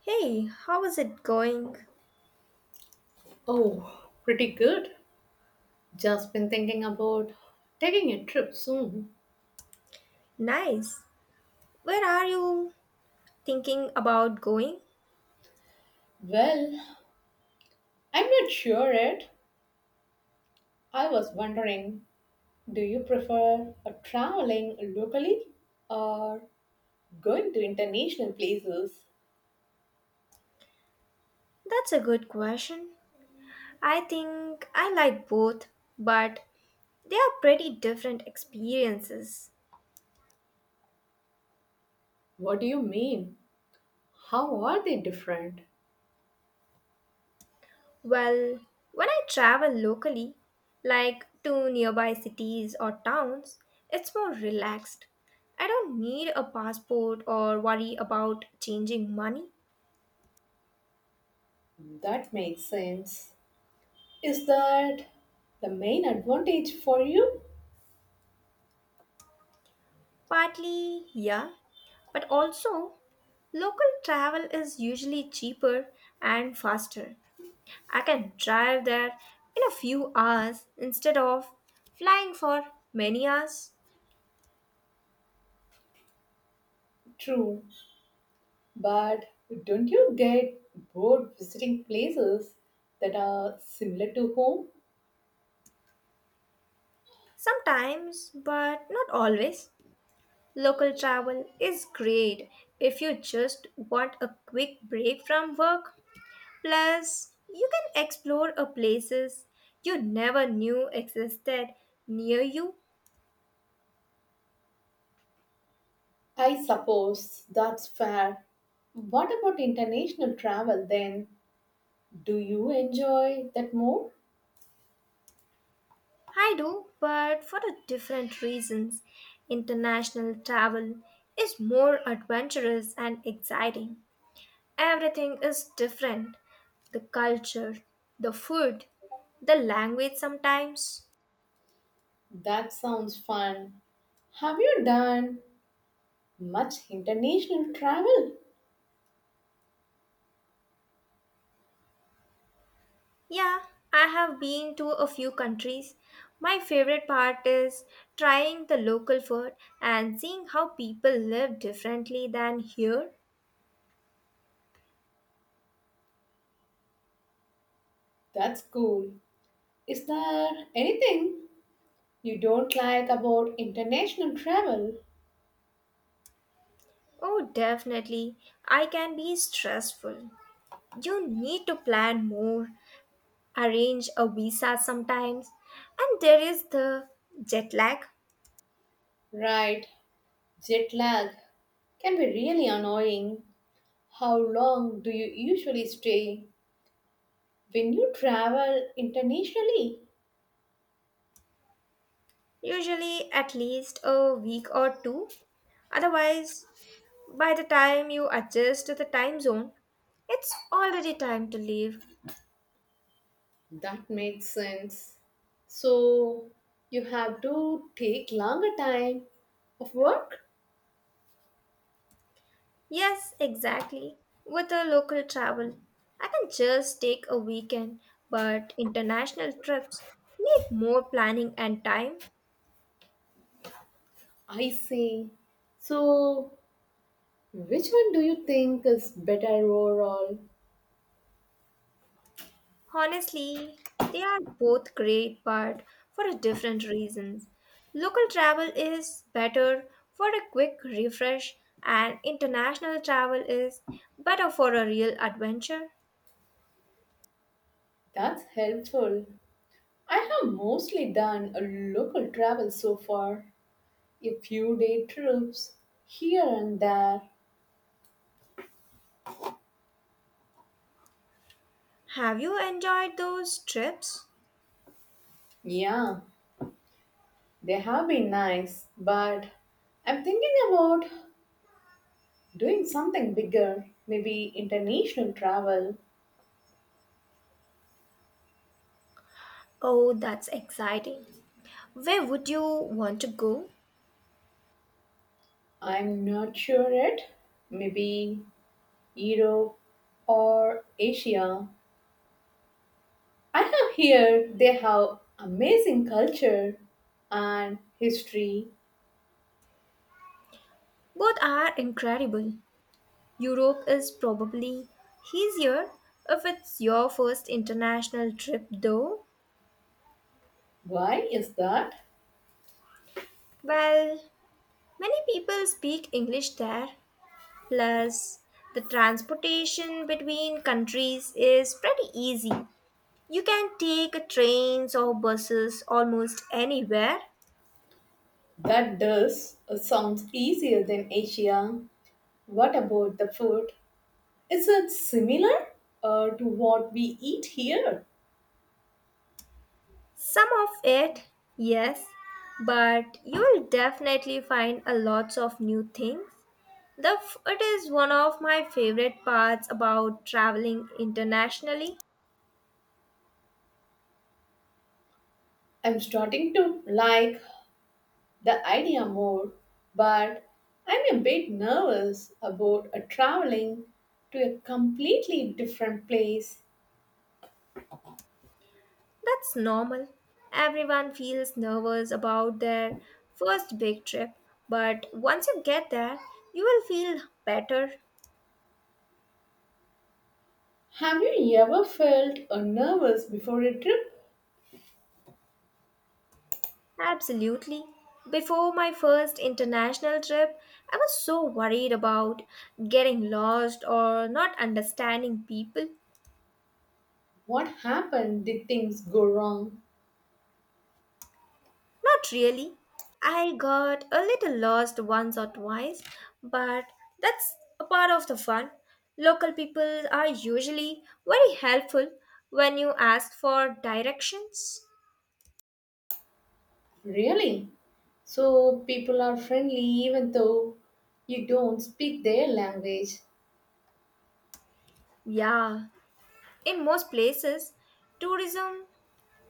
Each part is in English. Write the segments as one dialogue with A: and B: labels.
A: Hey, how is it going?
B: Oh, pretty good. Just been thinking about taking a trip soon.
A: Nice. Where are you thinking about going?
B: Well, I'm not sure yet. I was wondering, do you prefer traveling locally or going to international places?
A: That's a good question. I think I like both, but they are pretty different experiences.
B: What do you mean? How are they different?
A: Well, when I travel locally, like to nearby cities or towns, it's more relaxed. I don't need a passport or worry about changing money.
B: That makes sense. Is that the main advantage for you?
A: Partly, yeah. But also, local travel is usually cheaper and faster. I can drive there in a few hours instead of flying for many hours.
B: True. But don't you get bored visiting places that are similar to home?
A: Sometimes, but not always, local travel is great if you just want a quick break from work. Plus, you can explore a places you never knew existed near you.
B: I suppose that's fair. What about international travel then? Do you enjoy that more?
A: I do, but for a different reasons. International travel is more adventurous and exciting. Everything is different. The culture, the food, the language sometimes.
B: That sounds fun. Have you done much international travel?
A: Yeah, I have been to a few countries. My favorite part is trying the local food and seeing how people live differently than here.
B: That's cool. Is there anything you don't like about international travel?
A: Oh, definitely. I can be stressful. You need to plan more, arrange a visa sometimes, and there is the jet lag,
B: Right, jet lag can be really annoying. How long do you usually stay when you travel internationally?
A: usually at least a week or two. Otherwise, by the time you adjust to the time zone, it's already time to leave.
B: That makes sense. So you have to take longer time of work?
A: Yes, exactly. With a local travel, I can just take a weekend, but international trips need more planning and time.
B: I see. So which one do you think is better overall?
A: Honestly, they are both great, but for a different reasons. Local travel is better for a quick refresh, and international travel is better for a real adventure.
B: That's helpful. I have mostly done a local travel so far, a few day trips here and there.
A: Have you enjoyed those trips?
B: Yeah, they have been nice, but I'm thinking about doing something bigger, maybe international travel.
A: Oh, that's exciting. Where would you want to go?
B: I'm not sure yet. Maybe Europe or Asia. I have heard they have amazing culture and history.
A: Both are incredible. Europe is probably easier if it's your first international trip, though.
B: Why is that?
A: Well, many people speak English there, plus, the transportation between countries is pretty easy. You can take trains or buses almost anywhere.
B: That does sounds easier than Asia. What about the food? Is it similar to what we eat here?
A: Some of it, yes, but you will definitely find a lots of new things. The food is one of my favorite parts about traveling internationally.
B: I'm starting to like the idea more, but I'm a bit nervous about traveling to a completely different place.
A: That's normal. Everyone feels nervous about their first big trip, but once you get there, you will feel better.
B: Have you ever felt nervous before a trip?
A: Absolutely. Before my first international trip, I was so worried about getting lost or not understanding people.
B: What happened? Did things go wrong?
A: Not really. I got a little lost once or twice, but that's a part of the fun. Local people are usually very helpful when you ask for directions.
B: Really? So people are friendly even though you don't speak their language.
A: Yeah, in most places, tourism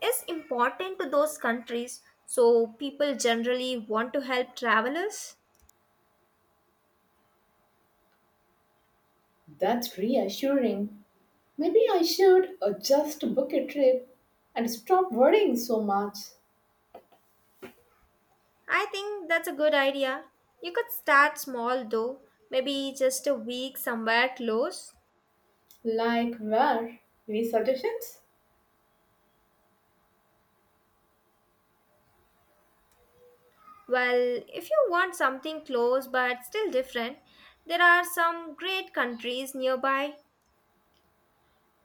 A: is important to those countries, so people generally want to help travelers.
B: That's reassuring. Maybe I should just book a trip and stop worrying so much.
A: I think that's a good idea. You could start small though, maybe just a week somewhere close.
B: Like where? Any suggestions?
A: Well, if you want something close but still different, there are some great countries nearby.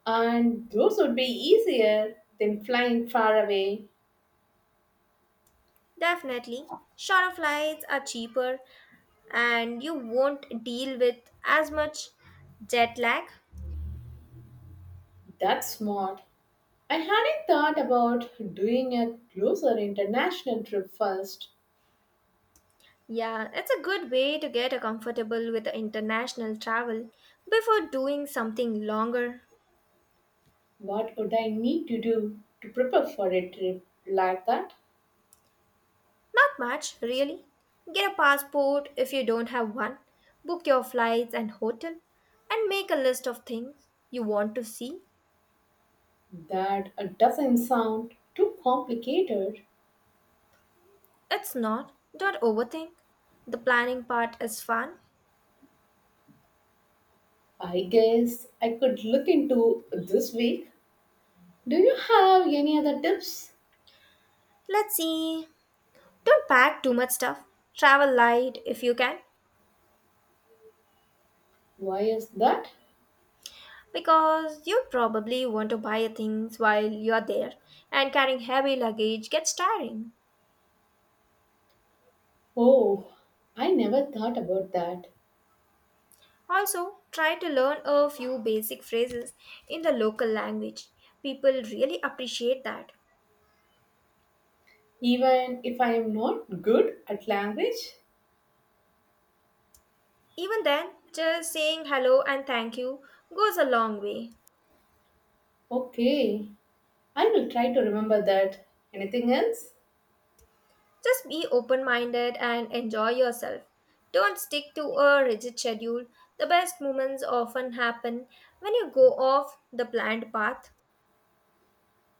B: And those would be easier than flying far away.
A: Definitely, shorter flights are cheaper and you won't deal with as much jet lag.
B: That's smart. I hadn't thought about doing a closer international trip first.
A: Yeah, it's a good way to get a comfortable with the international travel before doing something longer.
B: What would I need to do to prepare for a trip like that?
A: Not much, really. Get a passport if you don't have one. Book your flights and hotel and make a list of things you want to see.
B: That doesn't sound too complicated.
A: It's not. Don't overthink. The planning part is fun.
B: I guess I could look into this week. Do you have any other tips?
A: Let's see. Don't pack too much stuff. Travel light if you can,
B: Why is that?
A: because you probably want to buy things while you're there, and carrying heavy luggage gets tiring.
B: Oh, I never thought about that.
A: Also, try to learn a few basic phrases in the local language. People really appreciate that.
B: Even if I am not good at language?
A: Even then, just saying hello and thank you goes a long way.
B: Okay, I will try to remember that. Anything else?
A: Just be open minded and enjoy yourself. Don't stick to a rigid schedule. The best moments often happen when you go off the planned path.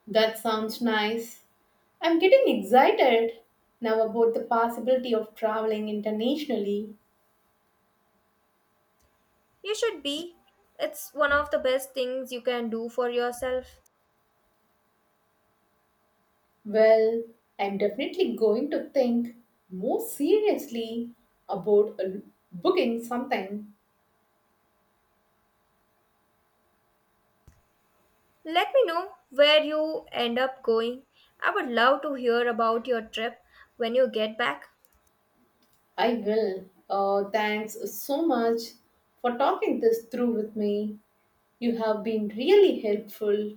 B: That sounds nice. I'm getting excited now about the possibility of traveling internationally.
A: You should be. It's one of the best things you can do for yourself.
B: Well, I'm definitely going to think more seriously about booking something.
A: Let me know where you end up going. I would love to hear about your trip when you get back.
B: I will. Thanks so much for talking this through with me. You have been really helpful.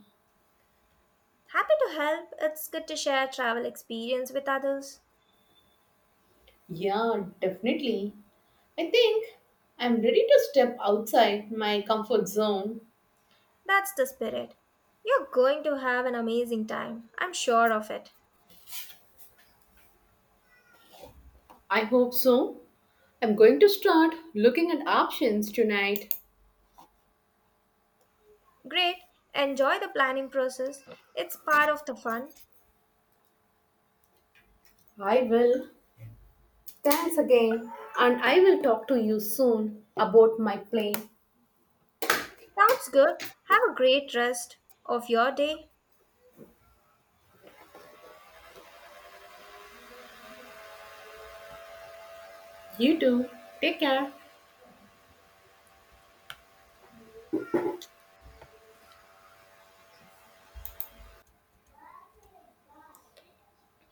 A: Happy to help. It's good to share travel experience with others.
B: Yeah, definitely. I think I'm ready to step outside my comfort zone.
A: That's the spirit. You're going to have an amazing time. I'm sure of it.
B: I hope so. I'm going to start looking at options tonight.
A: Great, enjoy the planning process. It's part of the fun.
B: I will. Thanks again. And I will talk to you soon about my plane.
A: Sounds good. Have a great rest of your day.
B: You too. Take care.